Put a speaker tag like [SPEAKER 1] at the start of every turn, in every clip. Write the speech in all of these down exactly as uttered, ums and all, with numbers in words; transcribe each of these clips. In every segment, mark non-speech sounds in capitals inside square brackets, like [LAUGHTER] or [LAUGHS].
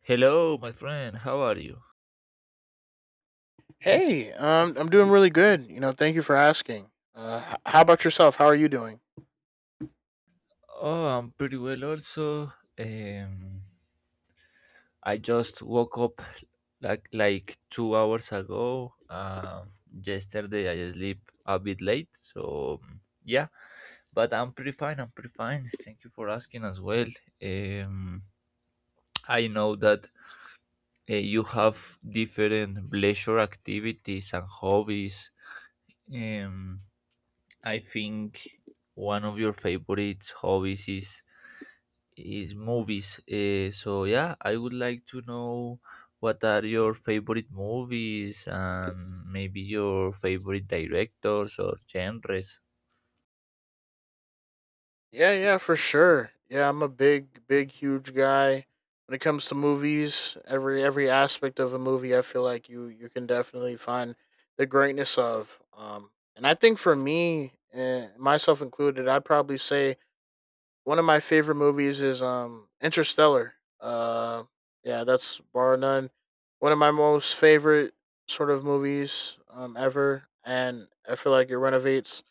[SPEAKER 1] Hello, my friend. How are you?
[SPEAKER 2] Hey, um, I'm doing really good. You know, thank you for asking. Uh, h- how about yourself? How are you doing?
[SPEAKER 1] Oh, I'm pretty well also. Um, I just woke up like like two hours ago. Um, yesterday I sleep a bit late, so um, yeah. But I'm pretty fine. I'm pretty fine. Thank you for asking as well. Um, I know that uh, you have different leisure activities and hobbies. Um, I think one of your favorite hobbies is is movies. Uh, so yeah, I would like to know what are your favorite movies and maybe your favorite directors or genres.
[SPEAKER 2] Yeah, yeah, for sure. Yeah, I'm a big, big, huge guy. When it comes to movies, every every aspect of a movie, I feel like you you can definitely find the greatness of. Um, and I think for me, eh, myself included, I'd probably say one of my favorite movies is um Interstellar. Uh, yeah, that's bar none one of my most favorite sort of movies um ever, and I feel like it renovates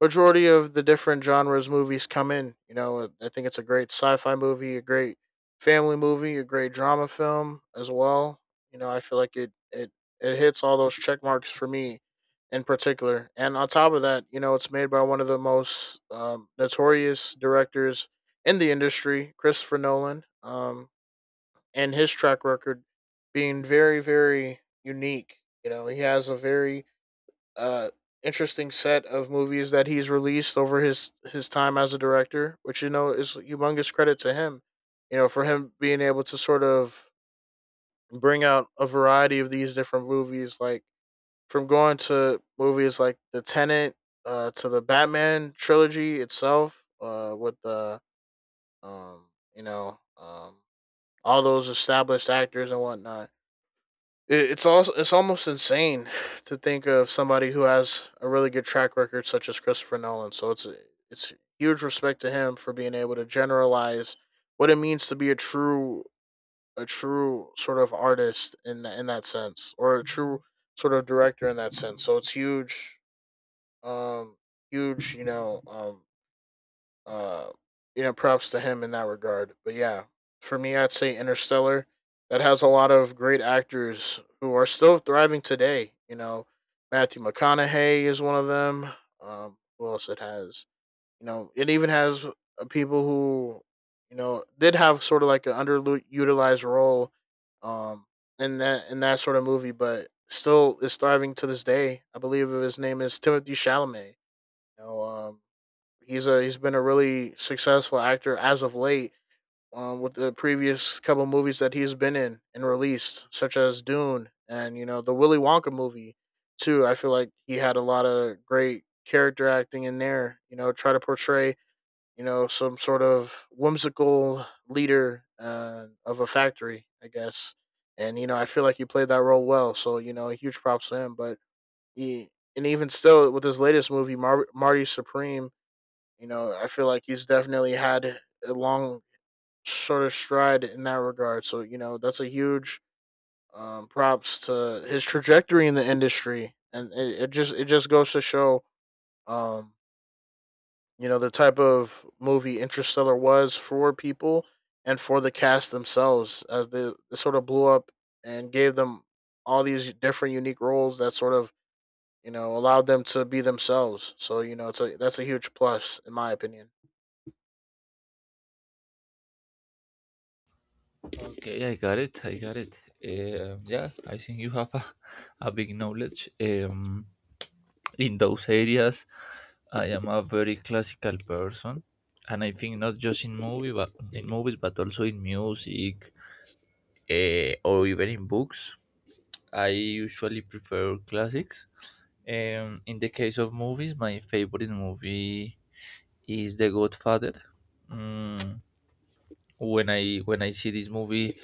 [SPEAKER 2] majority of the different genres movies come in. You know, I think it's a great sci-fi movie, a great family movie, a great drama film as well. You know, I feel like it it it hits all those check marks for me in particular. And on top of that, you know, it's made by one of the most um, notorious directors in the industry, Christopher Nolan, um, and his track record being very, very unique. You know, he has a very uh, interesting set of movies that he's released over his his time as a director, which you know is humongous credit to him. You know, for him being able to sort of bring out a variety of these different movies, like from going to movies like The Tenant uh, to the Batman trilogy itself uh, with the um, you know um, all those established actors and whatnot. It, it's also It's almost insane to think of somebody who has a really good track record such as Christopher Nolan. So it's it's huge respect to him for being able to generalize what it means to be a true a true sort of artist in the, in that sense, or a true sort of director in that sense. So it's huge um, huge, you know, um, uh, you know, props to him in that regard. But yeah, for me, I'd say Interstellar. That has a lot of great actors who are still thriving today. You know, Matthew McConaughey is one of them. Um, who else it has? You know, it even has uh, people who, you know, did have sort of like an underutilized role. Um, in that in that sort of movie, but still is thriving to this day. I believe his name is Timothy Chalamet. You know, um, he's a he's been a really successful actor as of late. Um, with the previous couple movies that he's been in and released, such as Dune and you know the Willy Wonka movie, too. I feel like he had a lot of great character acting in there. You know, try to portray you know some sort of whimsical leader uh, of a factory, I guess. And you know, I feel like he played that role well. So you know, huge props to him. But he, and even still with his latest movie, Mar- Marty Supreme, you know, I feel like he's definitely had a long sort of stride in that regard. So, you know, that's a huge um, props to his trajectory in the industry. And it, it just it just goes to show um, you know, the type of movie Interstellar was for people and for the cast themselves as they, they sort of blew up and gave them all these different unique roles that sort of, you know, allowed them to be themselves. So, you know, it's a that's a huge plus in my opinion.
[SPEAKER 1] Okay, I got it. I got it. Um, yeah, I think you have a, [LAUGHS] a big knowledge um, in those areas. I am a very classical person, and I think not just in movie, but in movies, but also in music, uh, or even in books. I usually prefer classics. Um, in the case of movies, my favorite movie is The Godfather. Mm, when I when I see this movie,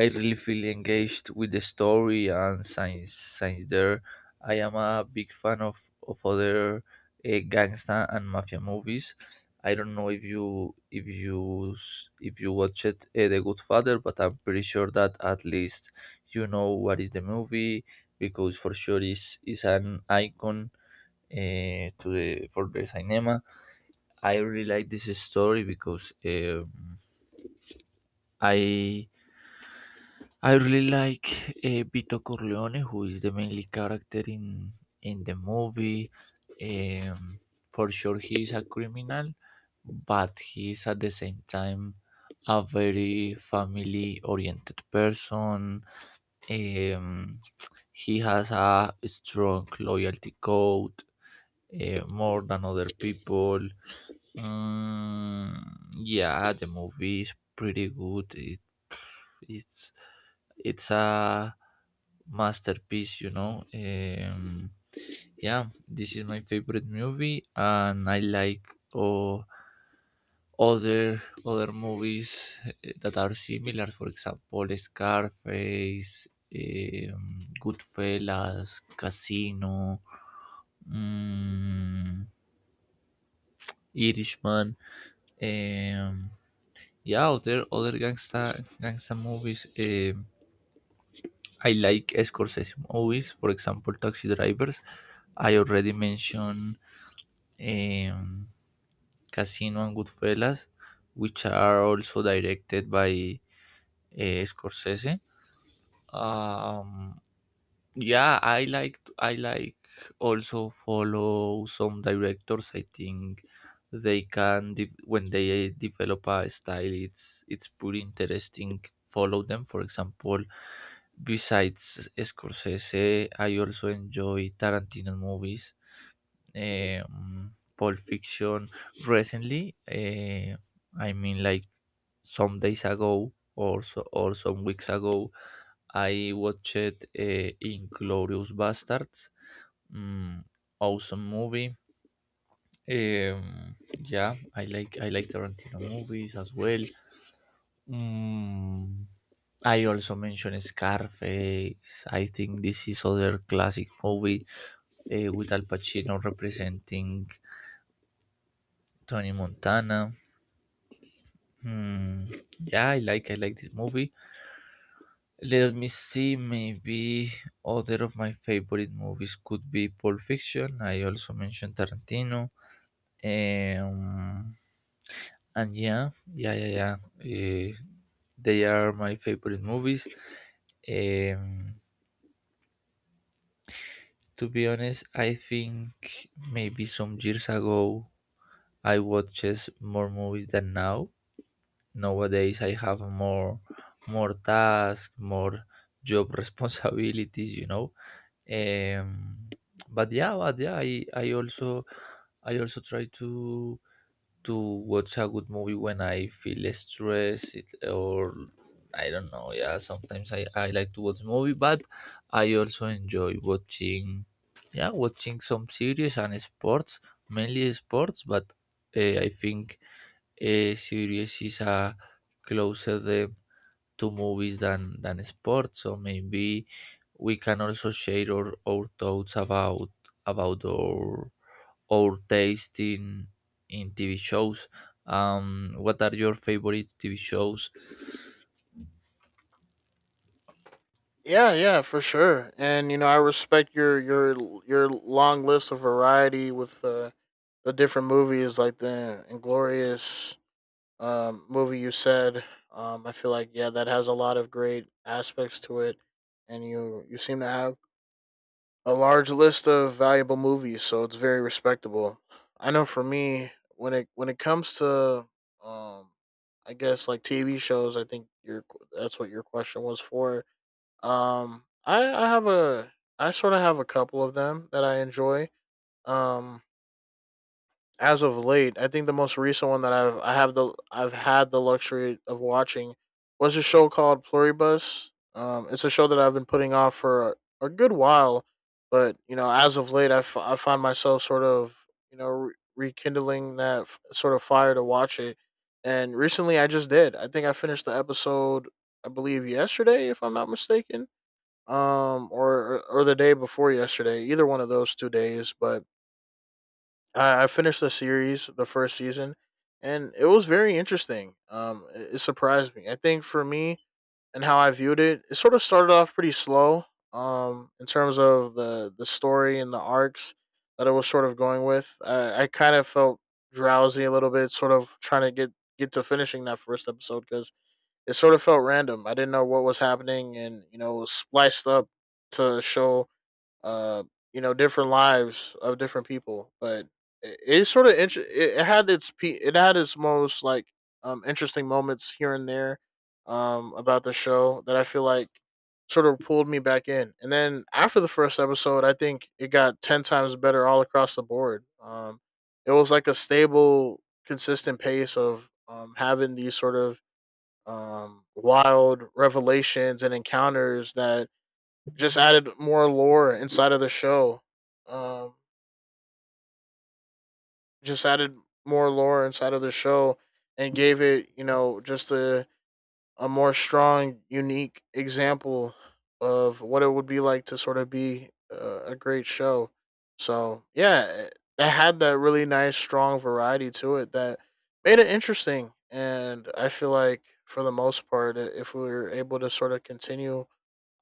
[SPEAKER 1] I really feel engaged with the story and science science there. I am a big fan of of other uh, gangster and mafia movies. I don't know if you if you s- if you watched uh, The Godfather, but I'm pretty sure that at least you know what is the movie because for sure is is an icon uh, to the for the cinema. I really like this story because um, I I really like uh, Vito Corleone, who is the mainly character in in the movie. Um, for sure, he is a criminal, but he is at the same time a very family-oriented person. Um, he has a strong loyalty code uh, more than other people. Um, yeah, the movie is pretty good. It, it's it's a masterpiece, you know. Um, yeah, this is my favorite movie, and I like oh, other other movies eh, that are similar. For example, Scarface, um, Goodfellas, Casino, um, Irishman. Um, Yeah, other other gangsta gangsta movies. Um, I like Scorsese movies. For example, Taxi Drivers. I already mentioned um, Casino and Goodfellas, which are also directed by uh, Scorsese. Um, yeah, I like I like also follow some directors. I think they can de- when they develop a style, it's it's pretty interesting. Follow them. For example. Besides Scorsese, I also enjoy Tarantino movies, um, Pulp Fiction. Recently, uh, I mean, like some days ago or so, or some weeks ago, I watched uh, Inglorious Bastards. Mm, awesome movie. Um, yeah, I like I like Tarantino movies as well. Mm, I also mentioned Scarface. I think this is other classic movie eh, with Al Pacino representing Tony Montana. Hmm. Yeah, I like I like this movie. Let me see. Maybe other of my favorite movies could be Pulp Fiction. I also mentioned Tarantino. Um, and yeah, yeah, yeah, yeah. eh, they are my favorite movies. Um, To be honest, I think maybe some years ago I watches more movies than now. Nowadays I have more more tasks, more job [LAUGHS] responsibilities, you know. Um, but yeah, but yeah, I, I also I also try to to watch a good movie when I feel stressed it- or I don't know. Yeah, sometimes I, I like to watch movie, but I also enjoy watching yeah watching some series and sports, mainly sports. But uh, I think uh, series is a closer uh, to movies than than sports. So maybe we can also share our, our thoughts about about our our taste in in T V shows. Um, what are your favorite T V shows?
[SPEAKER 2] Yeah, yeah, for sure. And you know, I respect your your your long list of variety with uh, the different movies, like the Inglorious um, movie you said. Um, I feel like yeah, that has a lot of great aspects to it, and you you seem to have a large list of valuable movies, so it's very respectable. I know for me, when it when it comes to um, I guess like T V shows, I think your that's what your question was for. um, I I have a I sort of have a couple of them that I enjoy. Um, as of late, I think the most recent one that I've I have the I've had the luxury of watching was a show called Pluribus. Um, it's a show that I've been putting off for a, a good while, but you know, as of late, I, f- I find myself sort of you know re- rekindling that f- sort of fire to watch it. And recently, I just did. I think I finished the episode, I believe, yesterday, if I'm not mistaken, um or, or the day before yesterday, either one of those two days. But i, I finished the series, the first season, and it was very interesting. Um it, it surprised me. I think for me and how I viewed it, it sort of started off pretty slow, um in terms of the the story and the arcs that it was sort of going with. i, I kind of felt drowsy a little bit, sort of trying to get get to finishing that first episode because it sort of felt random. I didn't know what was happening, and you know it was spliced up to show uh, you know, different lives of different people. But it, it's sort of inter- it, it had its pe- it had its most like um interesting moments here and there um about the show that I feel like sort of pulled me back in. And then after the first episode, I think it got ten times better all across the board. Um, it was like a stable, consistent pace of um having these sort of um wild revelations and encounters that just added more lore inside of the show. Um, just added more lore inside of the show And gave it, you know, just a a more strong, unique example of what it would be like to sort of be a, a great show. So yeah, it, it had that really nice, strong variety to it that made it interesting. And I feel like for the most part, if we were able to sort of continue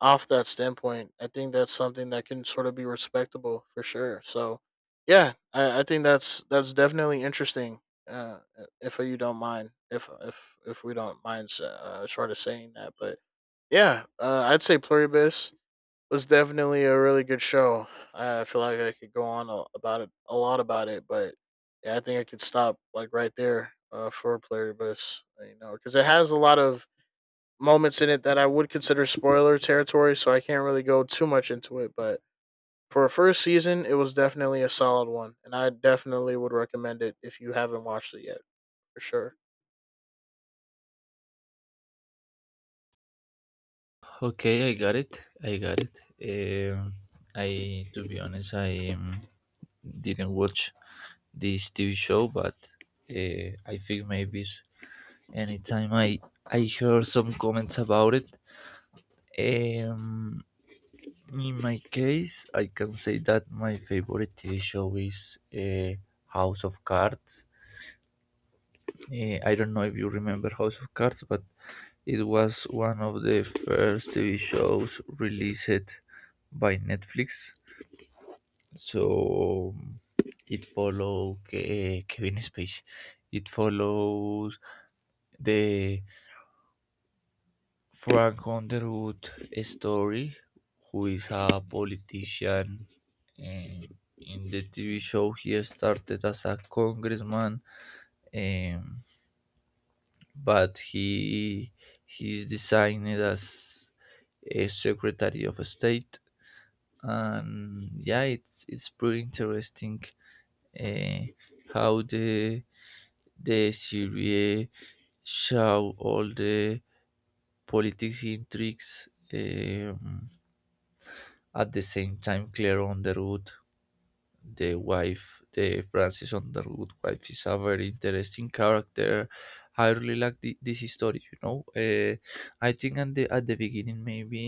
[SPEAKER 2] off that standpoint. I think that's something that can sort of be respectable for sure. So, yeah, I, I think that's that's definitely interesting. Uh, if you don't mind, if if if we don't mind, uh, sort of saying that, but yeah, uh, I'd say Pluribus was definitely a really good show. I feel like I could go on a, about it a lot about it, but yeah, I think I could stop like right there uh, for Pluribus, you know, because it has a lot of moments in it that I would consider spoiler territory, so I can't really go too much into it. But for a first season, it was definitely a solid one, and I definitely would recommend it if you haven't watched it yet, for sure.
[SPEAKER 1] Okay, I got it. I got it. Um, I, to be honest, I um, didn't watch this T V show, but uh, I think maybe s- anytime I I hear some comments about it. Um, in my case, I can say that my favorite T V show is uh, House of Cards. Uh, I don't know if you remember House of Cards, but it was one of the first T V shows released by Netflix, so um, it follows Kevin Spacey. It follows the Frank Underwood story, who is a politician. And in the T V show, he started as a congressman, um, but he he is designed as a secretary of state. And yeah, it's it's pretty interesting, uh, how the the serie show all the politics intrigues. um, at the same time, Claire Underwood, the wife, the Francis Underwood wife, is a very interesting character. I really like thi- this story, you know. uh, I think at the, at the beginning maybe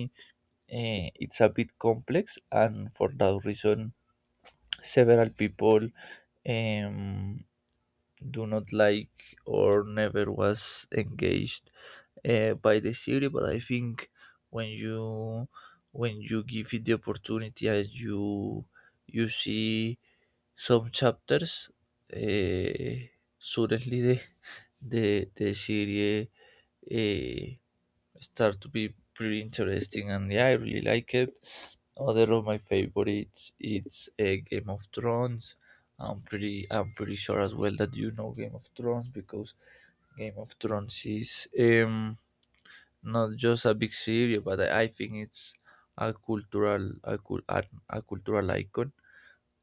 [SPEAKER 1] uh, it's a bit complex and for that reason several people um, do not like or never was engaged uh, by the city, but I think when you when you give it the opportunity and you you see some chapters, uh, suddenly the the the series, uh, start to be pretty interesting, and yeah, I really like it. Other of my favorites it's uh, Game of Thrones. I'm pretty I'm pretty sure as well that you know Game of Thrones, because Game of Thrones is um not just a big series, but I, I think it's a cultural a, cul- a, a cultural icon.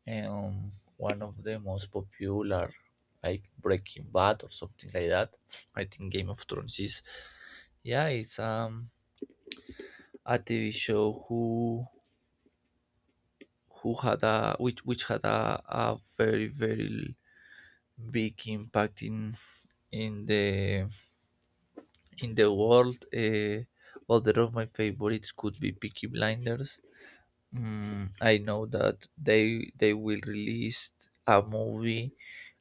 [SPEAKER 1] Um, One of the most popular, like Breaking Bad or something like that. I think Game of Thrones is yeah, it's um a T V show who who had a which which had a, a very very big impact in in the in the world. Uh, other of my favorites could be Peaky Blinders. Mm, I know that they they will release a movie.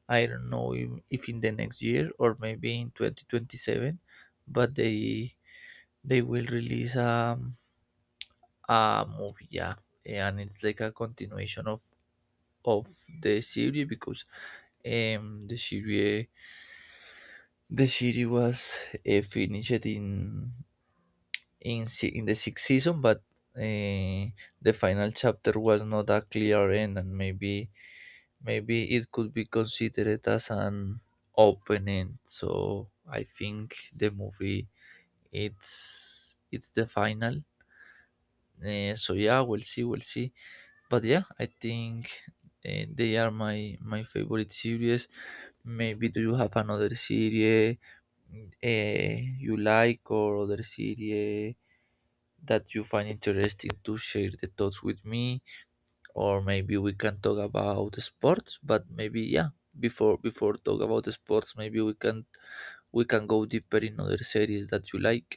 [SPEAKER 1] I don't know if, if in the next year or maybe in twenty twenty seven, but they they will release um a movie. Yeah, and it's like a continuation of of the series because Um, the series the series was uh, finished in in si- in the sixth season, but uh, the final chapter was not a clear end, and maybe maybe it could be considered as an open end. So I think the movie it's it's the final. Uh, so yeah, we'll see, we'll see. But yeah, I think uh, they are my my favorite series. Maybe do you have another series eh, you like or other series that you find interesting to share the thoughts with me, or maybe we can talk about sports. But maybe yeah, before before talk about sports, maybe we can we can go deeper in other series that you like.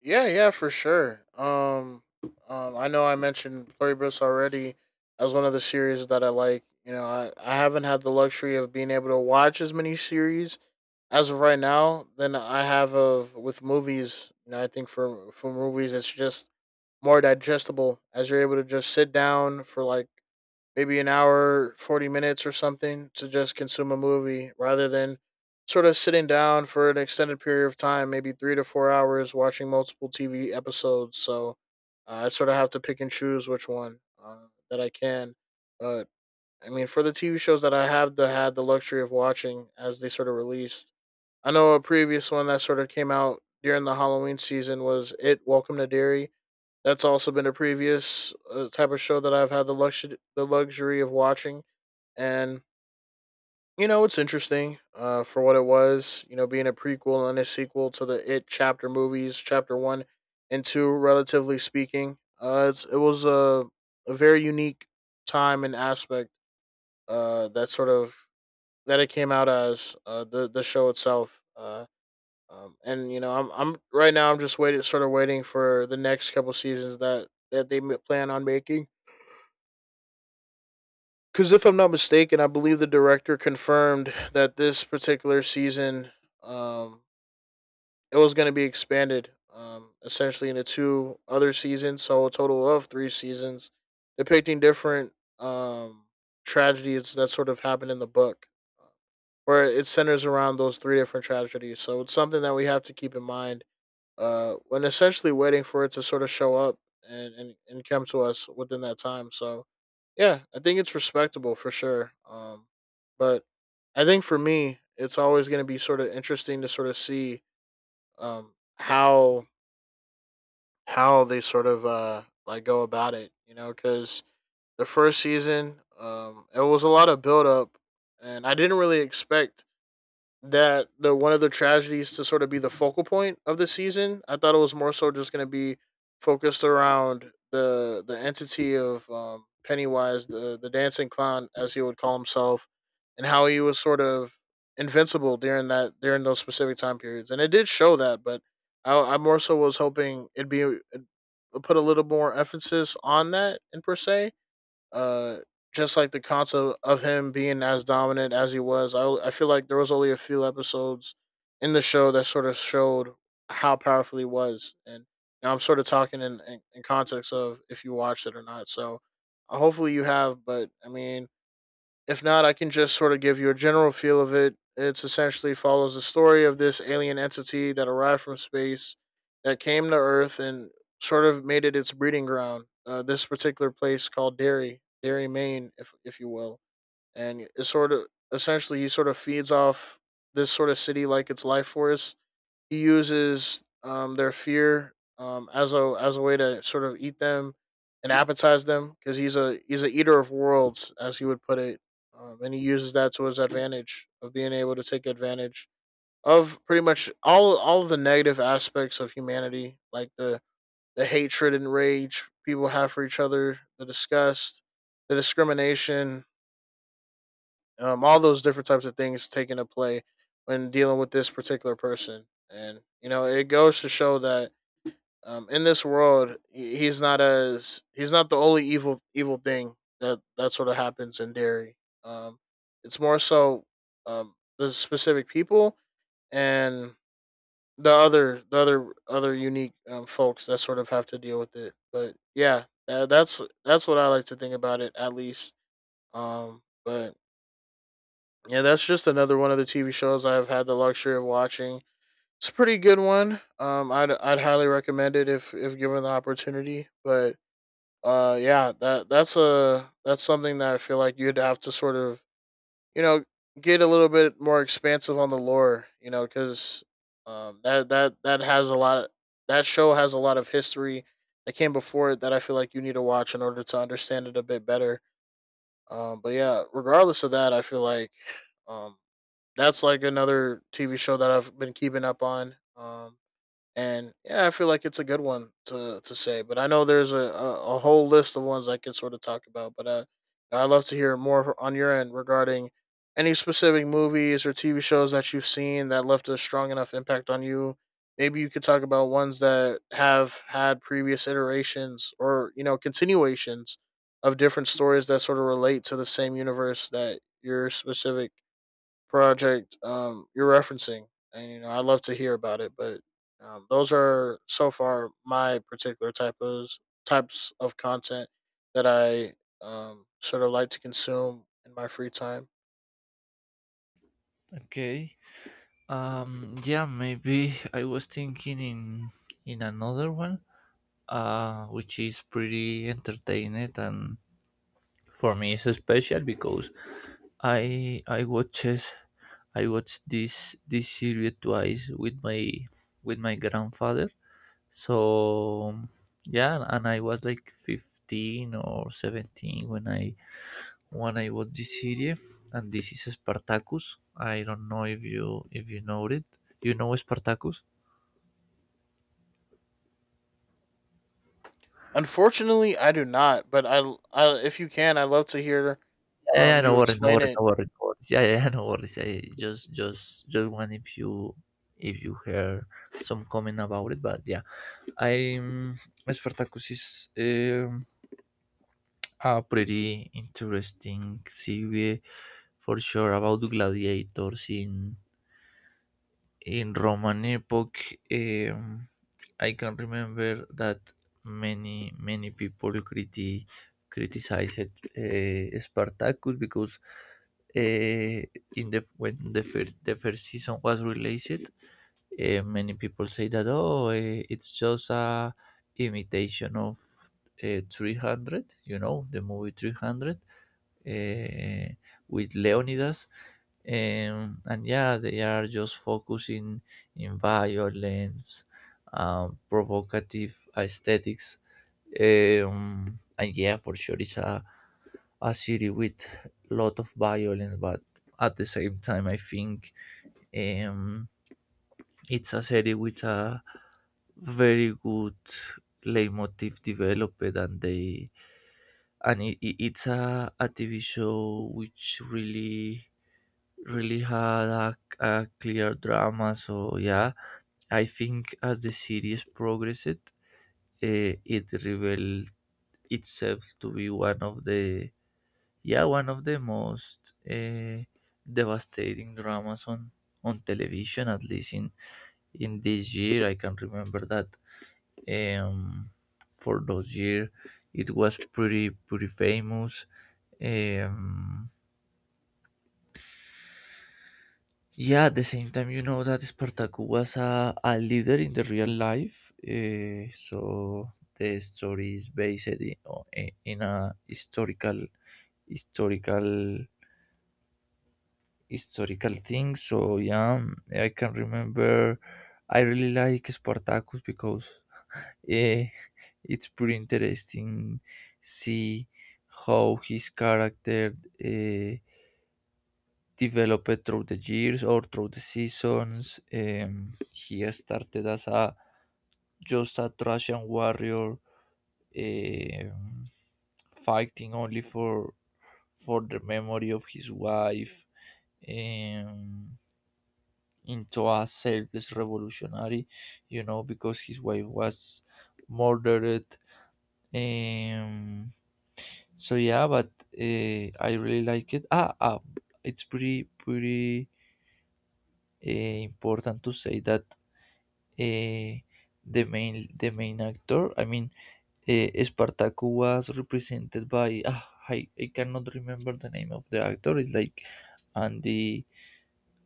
[SPEAKER 2] Yeah, yeah, for sure. Um, um I know I mentioned Pluribus already as one of the series that I like. You know, I, I haven't had the luxury of being able to watch as many series as of right now than I have of with movies. You know, I think for for movies, it's just more digestible as you're able to just sit down for like maybe an hour, forty minutes or something to just consume a movie rather than sort of sitting down for an extended period of time, maybe three to four hours watching multiple T V episodes. So uh, I sort of have to pick and choose which one uh, that I can. But I mean, for the T V shows that I have the, had the luxury of watching as they sort of released, I know a previous one that sort of came out during the Halloween season was It: Welcome to Dairy. That's also been a previous uh, type of show that I've had the luxury the luxury of watching, and you know it's interesting uh, for what it was. You know, being a prequel and a sequel to the It chapter movies, chapter one and two, relatively speaking. Uh, it's, it was a, a very unique time and aspect uh, that sort of that it came out as, uh, the the show itself. Uh, um, and you know, I'm I'm right now, I'm just waiting, sort of waiting for the next couple seasons that that they plan on making. Because if I'm not mistaken, I believe the director confirmed that this particular season, um, it was going to be expanded, um, essentially into two other seasons, so a total of three seasons, depicting different um tragedies that sort of happened in the book, where it centers around those three different tragedies. So it's something that we have to keep in mind uh, when essentially waiting for it to sort of show up and, and, and come to us within that time. So, yeah, I think it's respectable for sure. Um, but I think for me, it's always going to be sort of interesting to sort of see um, how how they sort of uh, like go about it, you know, because the first season, um, it was a lot of build up, and I didn't really expect that the one of the tragedies to sort of be the focal point of the season. I thought it was more so just going to be focused around the the entity of um, Pennywise, the the dancing clown, as he would call himself, and how he was sort of invincible during that during those specific time periods. And it did show that, but I, I more so was hoping it'd be it'd put a little more emphasis on that in per se, uh just like the concept of him being as dominant as he was. I i feel like there was only a few episodes in the show that sort of showed how powerful he was. And you I'm sort of talking in, in in context of if you watched it or not. So uh, hopefully you have, but I mean, if not, I can just sort of give you a general feel of it. It essentially follows the story of this alien entity that arrived from space, that came to Earth and sort of made it its breeding ground. Uh, this particular place called Derry, Derry, Maine, if if you will, and it sort of essentially he sort of feeds off this sort of city like its life force. He uses um, their fear, um, as a as a way to sort of eat them and appetize them, because he's a he's a eater of worlds, as he would put it. Um, and he uses that to his advantage of being able to take advantage of pretty much all all of the negative aspects of humanity, like the the hatred and rage people have for each other, the disgust, the discrimination, um, all those different types of things take into play when dealing with this particular person. And you know, it goes to show that, um, in this world, he's not as he's not the only evil evil thing that that sort of happens in dairy. Um, it's more so, um, the specific people, and the other the other other unique um, folks that sort of have to deal with it. But yeah, that, that's that's what I like to think about it, at least. Um, but yeah, that's just another one of the T V shows I've had the luxury of watching. It's a pretty good one. Um, I'd I'd highly recommend it if if given the opportunity. But uh, yeah, that that's a that's something that I feel like you'd have to sort of, you know, get a little bit more expansive on the lore, you know, because um that that that has a lot of, that show has a lot of history that came before it, that I feel like you need to watch in order to understand it a bit better. Um, but yeah, regardless of that, I feel like, um that's like another T V show that I've been keeping up on. Um, and yeah, I feel like it's a good one to to say. But I know there's a, a, a whole list of ones I can sort of talk about. But uh, I'd love to hear more on your end regarding any specific movies or T V shows that you've seen that left a strong enough impact on you. Maybe you could talk about ones that have had previous iterations, or you know, continuations of different stories that sort of relate to the same universe that your specific project, um, you're referencing, and you know, I'd love to hear about it. But um, those are so far my particular type of types of content that I um, sort of like to consume in my free time.
[SPEAKER 1] Okay. Um, yeah, maybe I was thinking in in another one, uh which is pretty entertaining, and for me it's special because I I watches I watched this this series twice with my with my grandfather. So yeah, and I was like fifteen or seventeen when I when I watched this series, and this is Spartacus. I don't know if you if you know it. You know Spartacus?
[SPEAKER 2] Unfortunately, I do not. But I, I if you can, I would love to hear
[SPEAKER 1] Yeah, yeah,
[SPEAKER 2] um,
[SPEAKER 1] no
[SPEAKER 2] you
[SPEAKER 1] worries, no
[SPEAKER 2] explain
[SPEAKER 1] worries,
[SPEAKER 2] it.
[SPEAKER 1] no worries, no worries. Yeah, yeah, [LAUGHS] yeah, no worries. I just, just, just want if you, if you hear some comment about it. But yeah, I'm Spartacus is um, a pretty interesting series, for sure, about the gladiators in in Roman epoch. um, I can remember that many many people criti- criticized uh, Spartacus because uh, in the when the first the first season was released, uh, many people say that, oh, eh, it's just a imitation of uh, three hundred, you know the movie three hundred, uh, with Leonidas, um, and yeah they are just focusing in violence, um, provocative aesthetics. Um, and yeah, for sure, it's a, a city with lot of violence, but at the same time I think, um, it's a city with a very good leitmotif developed. And they and it, it- it's a, a TV show which really really had a, a clear drama. So yeah, I think as the series progressed, uh, it revealed itself to be one of the yeah one of the most, uh, devastating dramas on on television, at least in in this year. I can remember that um for those years it was pretty pretty famous. um Yeah, at the same time, you know that Spartacus was a, a leader in the real life, eh, so the story is based in, in a historical, historical, historical thing. So yeah, I can remember. I really like Spartacus because, eh, [LAUGHS] it's pretty interesting. See how his character, Uh, developed through the years or through the seasons. Um, he started as a just a Thracian warrior, um, fighting only for for the memory of his wife. Um, into a selfless revolutionary, you know, because his wife was murdered. Um, so yeah, but uh, I really like it. Ah, ah, it's pretty pretty uh, important to say that uh, the main the main actor, i mean uh, Spartaco was represented by ah, I, I cannot remember the name of the actor. It's like andy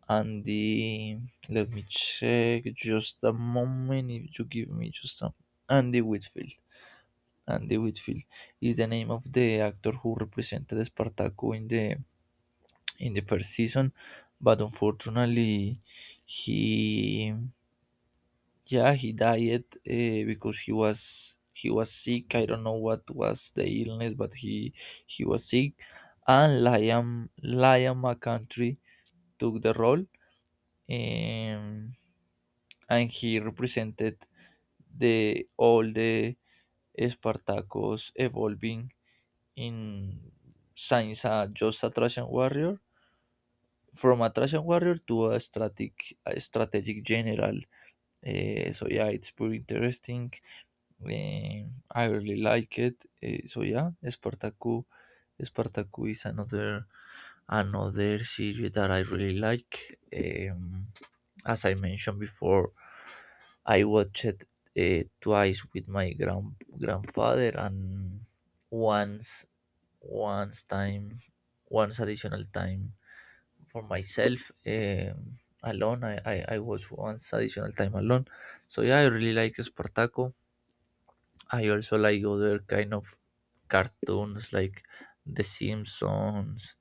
[SPEAKER 1] andy Let me check just a moment, if you give me just a andy whitfield Andy Whitfield is the name of the actor who represented Spartaco in the in the first season, but unfortunately he yeah, he died uh, because he was he was sick. I don't know what was the illness, but he he was sick. And Liam Liam McCountry took the role, um, and he represented the all the Spartacus evolving in since a just a Thracian warrior from a Thracian warrior to a strategic a strategic general. Uh, so yeah, it's pretty interesting. Eh, I really like it. Eh, so yeah, Spartaku, Spartaku is another another series that I really like. Um, as I mentioned before, I watched it uh, twice with my grand grandfather, and once once time once additional time for myself, um, alone. I, I I watched once additional time alone. So yeah, I really like Spartaku. I also like other kind of cartoons like The Simpsons,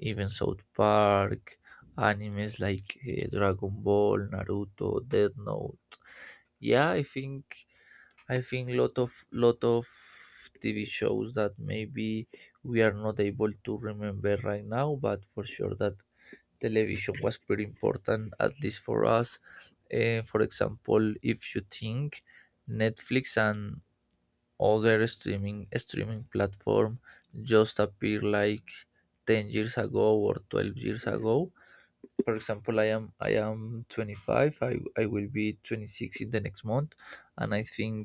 [SPEAKER 1] even South Park, animes like eh, Dragon Ball, Naruto, Death Note. Yeah, I think I think lot of lot of T V shows that maybe we are not able to remember right now, but for sure that television was pretty important, at least for us. Eh, for example, if you think Netflix and other streaming streaming platform just appeared like ten years ago or twelve years ago. For example, I am I am twenty-five. I, I will be twenty-six in the next month, and I think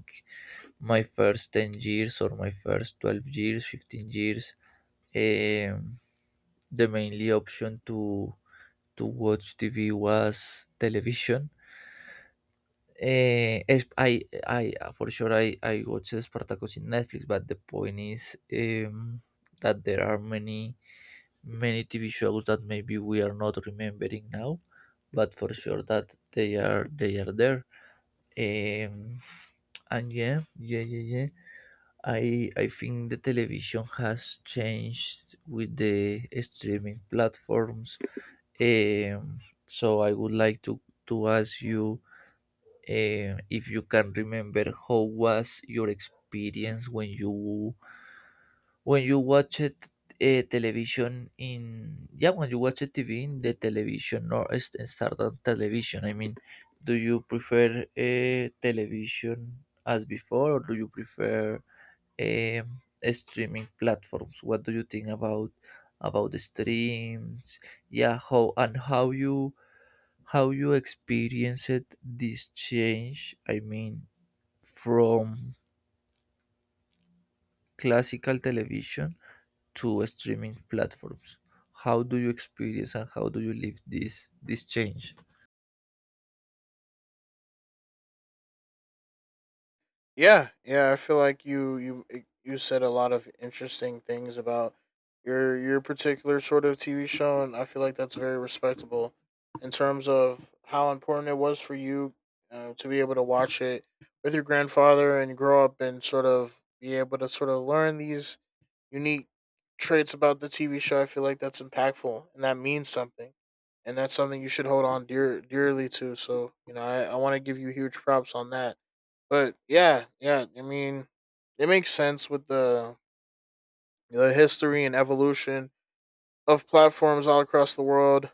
[SPEAKER 1] my first ten years or my first twelve years, fifteen years, um, the mainly option to to watch T V was television. Eh, Es I I uh, For sure I I watch Spartacus in Netflix, but the point is, um, that there are many many T V shows that maybe we are not remembering now, but for sure that they are they are there. Um, and yeah, yeah, yeah, yeah. I I think the television has changed with the streaming platforms. Um, so I would like to to ask you, Eh, if you can remember, how was your experience when you when you watch it, uh, television in, yeah, when you watch it TV in the television or s- start on television, i mean do you prefer uh, television as before, or do you prefer, um, streaming platforms? What do you think about about the streams? Yeah, how and how you, how you experienced this change, i mean from classical television to streaming platforms. How do you experience, and how do you live this this change?
[SPEAKER 2] Yeah, yeah, I feel like you you eh, you said a lot of interesting things about your your particular sort of T V show, and I feel like that's very respectable in terms of how important it was for you uh, to be able to watch it with your grandfather and grow up and sort of be able to sort of learn these unique traits about the T V show. I feel like that's impactful and that means something, and that's something you should hold on dear dearly to. So you know, I, I want to give you huge props on that. But yeah, yeah, I mean, it makes sense with the the history and evolution of platforms all across the world.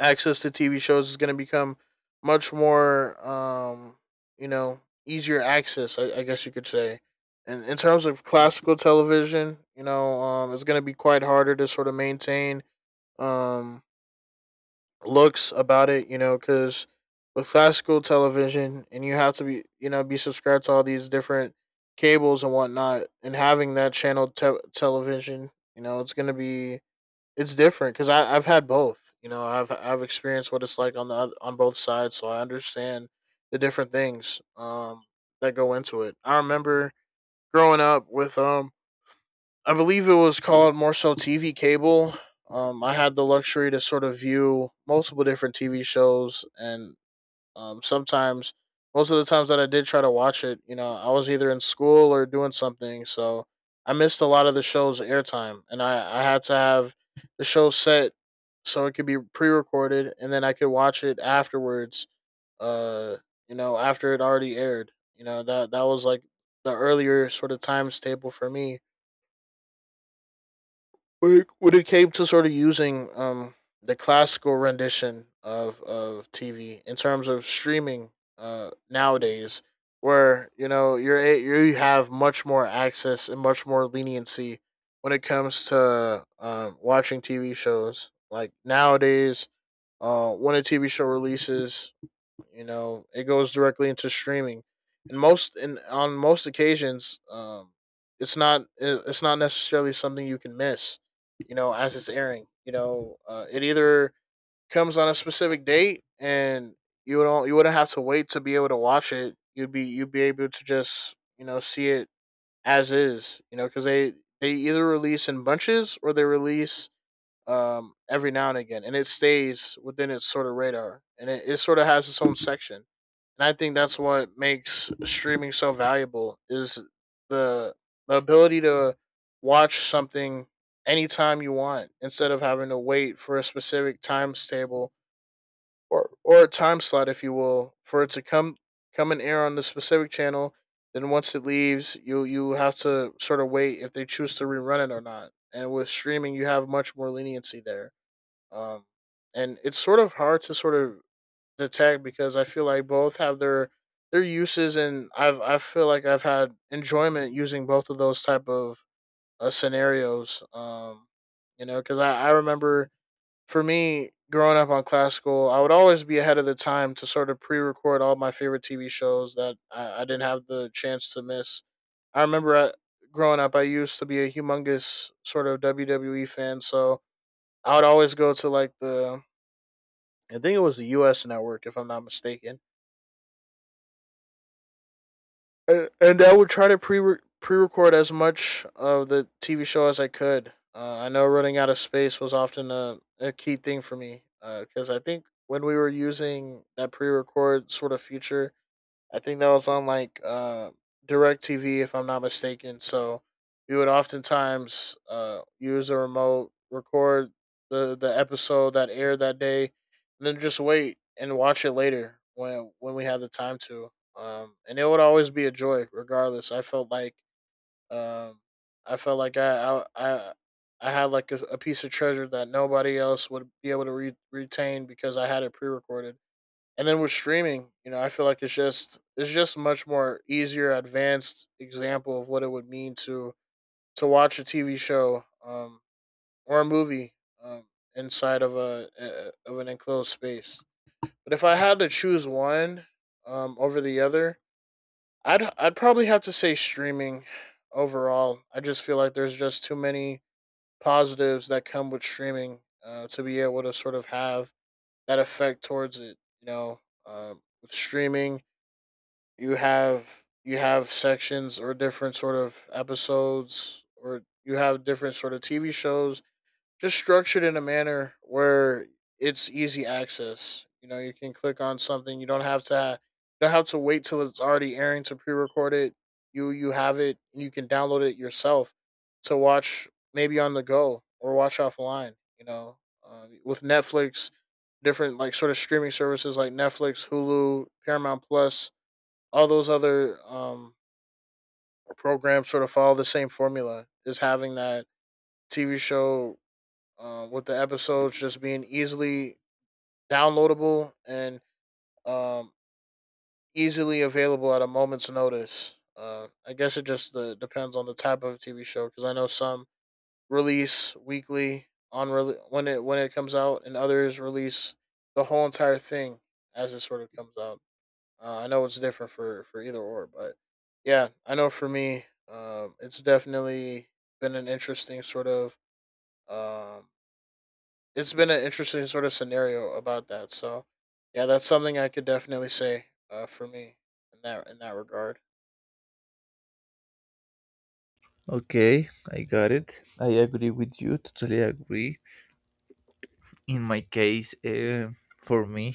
[SPEAKER 2] Access to T V shows is going to become much more, um, you know, easier access. I, I guess you could say. And in terms of classical television, you know, um, it's going to be quite harder to sort of maintain, um, looks about it, you know, because with classical television, and you have to be, you know, be subscribed to all these different cables and whatnot, and having that channel te- television, you know, it's going to be, it's different because I've had both. You know, I've I've experienced what it's like on the on both sides, so I understand the different things um that go into it. I remember growing up with, um I believe it was called more so T V cable. Um, I had the luxury to sort of view multiple different T V shows, and um, sometimes, most of the times that I did try to watch it, you know, I was either in school or doing something, so I missed a lot of the show's airtime, and I I had to have the show set so it could be pre-recorded, and then I could watch it afterwards. Uh, you know, after it already aired, you know, that that was like the earlier sort of times table for me when it came to sort of using, um the classical rendition of of T V. In terms of streaming uh nowadays, where you know, you're a- you have much more access and much more leniency when it comes to, um watching T V shows. Like nowadays, uh when a T V show releases, you know, it goes directly into streaming. And most and on most occasions, um it's not, it's not necessarily something you can miss, you know, as it's airing. You know, uh, it either comes on a specific date, and you don't you wouldn't have to wait to be able to watch it. You'd be, you'd be able to just, you know, see it as is, you know, because they they either release in bunches, or they release, um, every now and again, and it stays within its sort of radar, and it, it sort of has its own section. And I think that's what makes streaming so valuable is the the ability to watch something anytime you want, instead of having to wait for a specific times table, or or a time slot, if you will, for it to come come and air on the specific channel. Then once it leaves, you you have to sort of wait if they choose to rerun it or not. And with streaming, you have much more leniency there. um, and it's sort of hard to sort of detect, because I feel like both have their their uses, and I've I feel like I've had enjoyment using both of those type of uh, scenarios. Um, you know, because I I remember for me growing up on classical, I would always be ahead of the time to sort of pre-record all my favorite T V shows that I, I didn't have the chance to miss. I remember I, growing up, I used to be a humongous sort of W W E fan, so I would always go to like the I think it was the U S network, if I'm not mistaken. Uh, And I would try to pre pre record as much of the T V show as I could. Uh, I know running out of space was often a, a key thing for me, because uh, I think when we were using that pre record sort of feature, I think that was on like uh, DirecTV, if I'm not mistaken. So we would oftentimes uh, use a remote, record the the episode that aired that day, and then just wait and watch it later when when we had the time to. Um, and it would always be a joy, regardless. I felt like, um, I felt like I I I, I had like a, a piece of treasure that nobody else would be able to re- retain, because I had it pre recorded. And then with streaming, you know, I feel like it's just, it's just much more easier advanced example of what it would mean to to watch a TV show, um or a movie, um inside of a, a of an enclosed space. But if I had to choose one, um over the other, i'd i'd probably have to say streaming overall. I just feel like there's just too many positives that come with streaming, uh, to be able to sort of have that effect towards it, you know. Um, with streaming, you have you have sections or different sort of episodes, or you have different sort of T V shows just structured in a manner where it's easy access. You know, you can click on something. You don't have to ha- you don't have to wait till it's already airing to pre-record it. You you have it, and you can download it yourself to watch, maybe on the go, or watch offline. You know, uh, with Netflix, different like sort of streaming services like Netflix, Hulu, Paramount Plus, all those other um programs sort of follow the same formula, is having that T V show, uh, with the episodes just being easily downloadable, and um, easily available at a moment's notice. Uh, I guess it just uh, depends on the type of T V show, because I know some release weekly on rele when it when it comes out, and others release the whole entire thing as it sort of comes out. Uh, I know it's different for for either or, but yeah, I know for me, um, it's definitely been an interesting sort of, um, it's been an interesting sort of scenario about that. So yeah, that's something I could definitely say uh, for me in that in that regard.
[SPEAKER 1] Okay, I got it. I agree with you. Totally agree. In my case, uh, for me,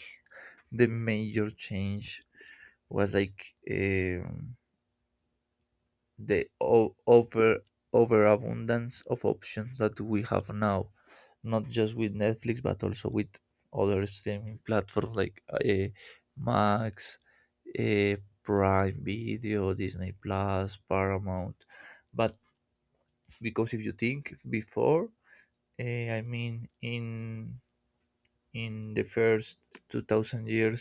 [SPEAKER 1] the major change was like. Um, The o- over overabundance of options that we have now, not just with Netflix, but also with other streaming platforms like uh, Max, uh, Prime Video, Disney Plus, Paramount. But, because if you think before, uh, I mean in in the first two thousand years,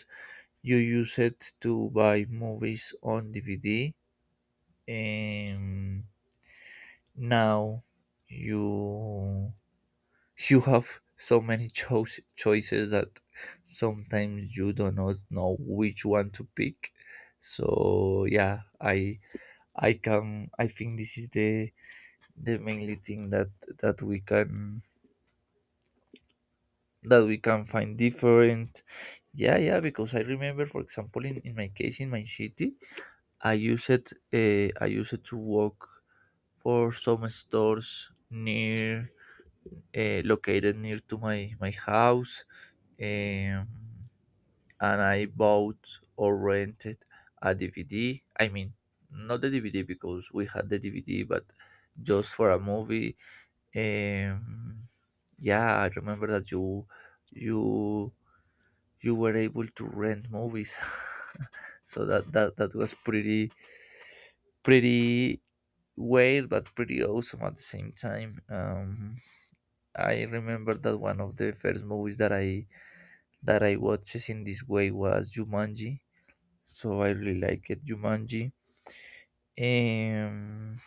[SPEAKER 1] you used it to buy movies on D V D. Um, Now you you have so many choice choices that sometimes you do not know which one to pick. So yeah, I I can I think this is the the mainly thing that that we can that we can find different. Yeah, yeah, because I remember, for example, in, in my case in my city, I used it uh, I used it to work for some stores near, uh, located near to my my house, um, and I bought or rented a D V D. I mean, not the D V D, because we had the D V D, but just for a movie. Um, yeah, I remember that you you you were able to rent movies, [LAUGHS] so that that that was pretty pretty weird but pretty awesome at the same time. Um, I remember that one of the first movies that I that I watched in this way was Jumanji. So I really like it, Jumanji. Um,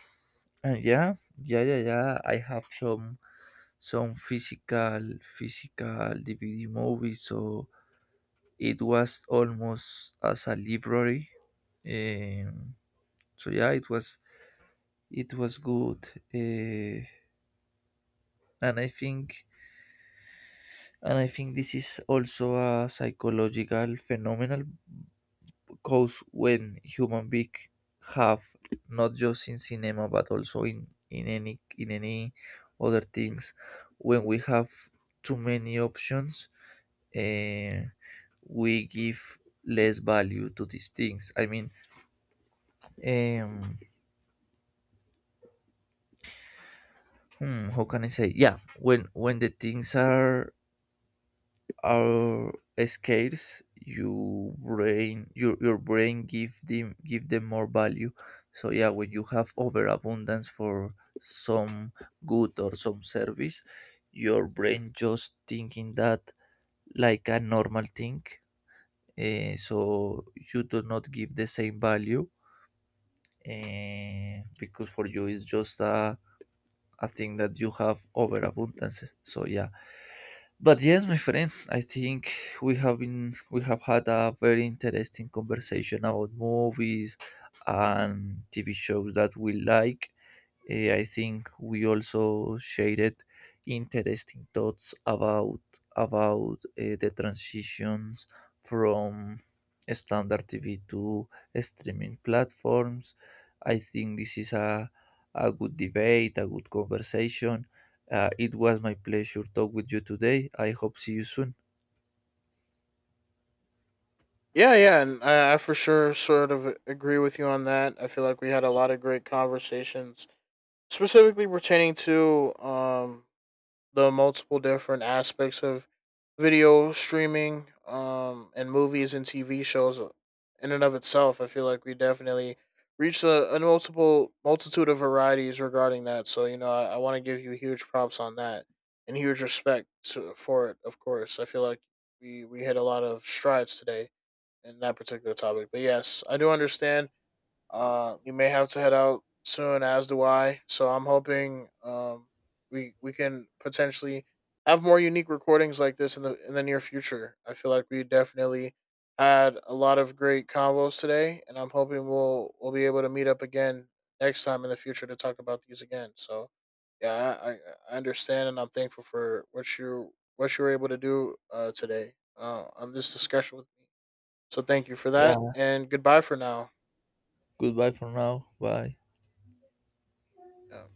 [SPEAKER 1] and yeah, yeah, yeah, yeah. I have some some physical physical D V D movies, so it was almost as a library. Um, so yeah, it was it was good, uh, and I think and I think this is also a psychological phenomenon, cause when human being have, not just in cinema but also in in any in any other things, when we have too many options, uh, we give less value to these things, i mean um hmm, how can I say, yeah, when when the things are are scarce, you brain, your your brain give them give them more value. So yeah, when you have overabundance for some good or some service, your brain just thinking that like a normal thing. Eh, so you do not give the same value, eh, because for you it's just a, a thing that you have overabundance, so yeah. But yes, my friend, I think we have been we have had a very interesting conversation about movies and T V shows that we like. Eh, I think we also shared interesting thoughts about about eh, the transitions from standard T V to streaming platforms. I think this is a a good debate, a good conversation. Uh, it was my pleasure talk with you today. I hope see you soon.
[SPEAKER 2] Yeah, yeah, and I, I for sure sort of agree with you on that. I feel like we had a lot of great conversations, specifically pertaining to um the multiple different aspects of video streaming, um, and movies and T V shows in and of itself. I feel like we definitely reached a, a multiple multitude of varieties regarding that. So you know, I, I want to give you huge props on that and huge respect to, for it. Of course, I feel like we we hit a lot of strides today in that particular topic. But yes, I do understand uh, you may have to head out soon, as do I. So I'm hoping um we we can potentially have more unique recordings like this in the in the near future. I feel like we definitely had a lot of great convos today, and I'm hoping we'll we'll be able to meet up again next time in the future to talk about these again. So yeah, I, I I understand, and I'm thankful for what you what you were able to do uh, today, uh, on this discussion with me. So thank you for that,
[SPEAKER 1] Yeah.
[SPEAKER 2] and goodbye for now.
[SPEAKER 1] Goodbye for now. Bye.
[SPEAKER 2] Yeah.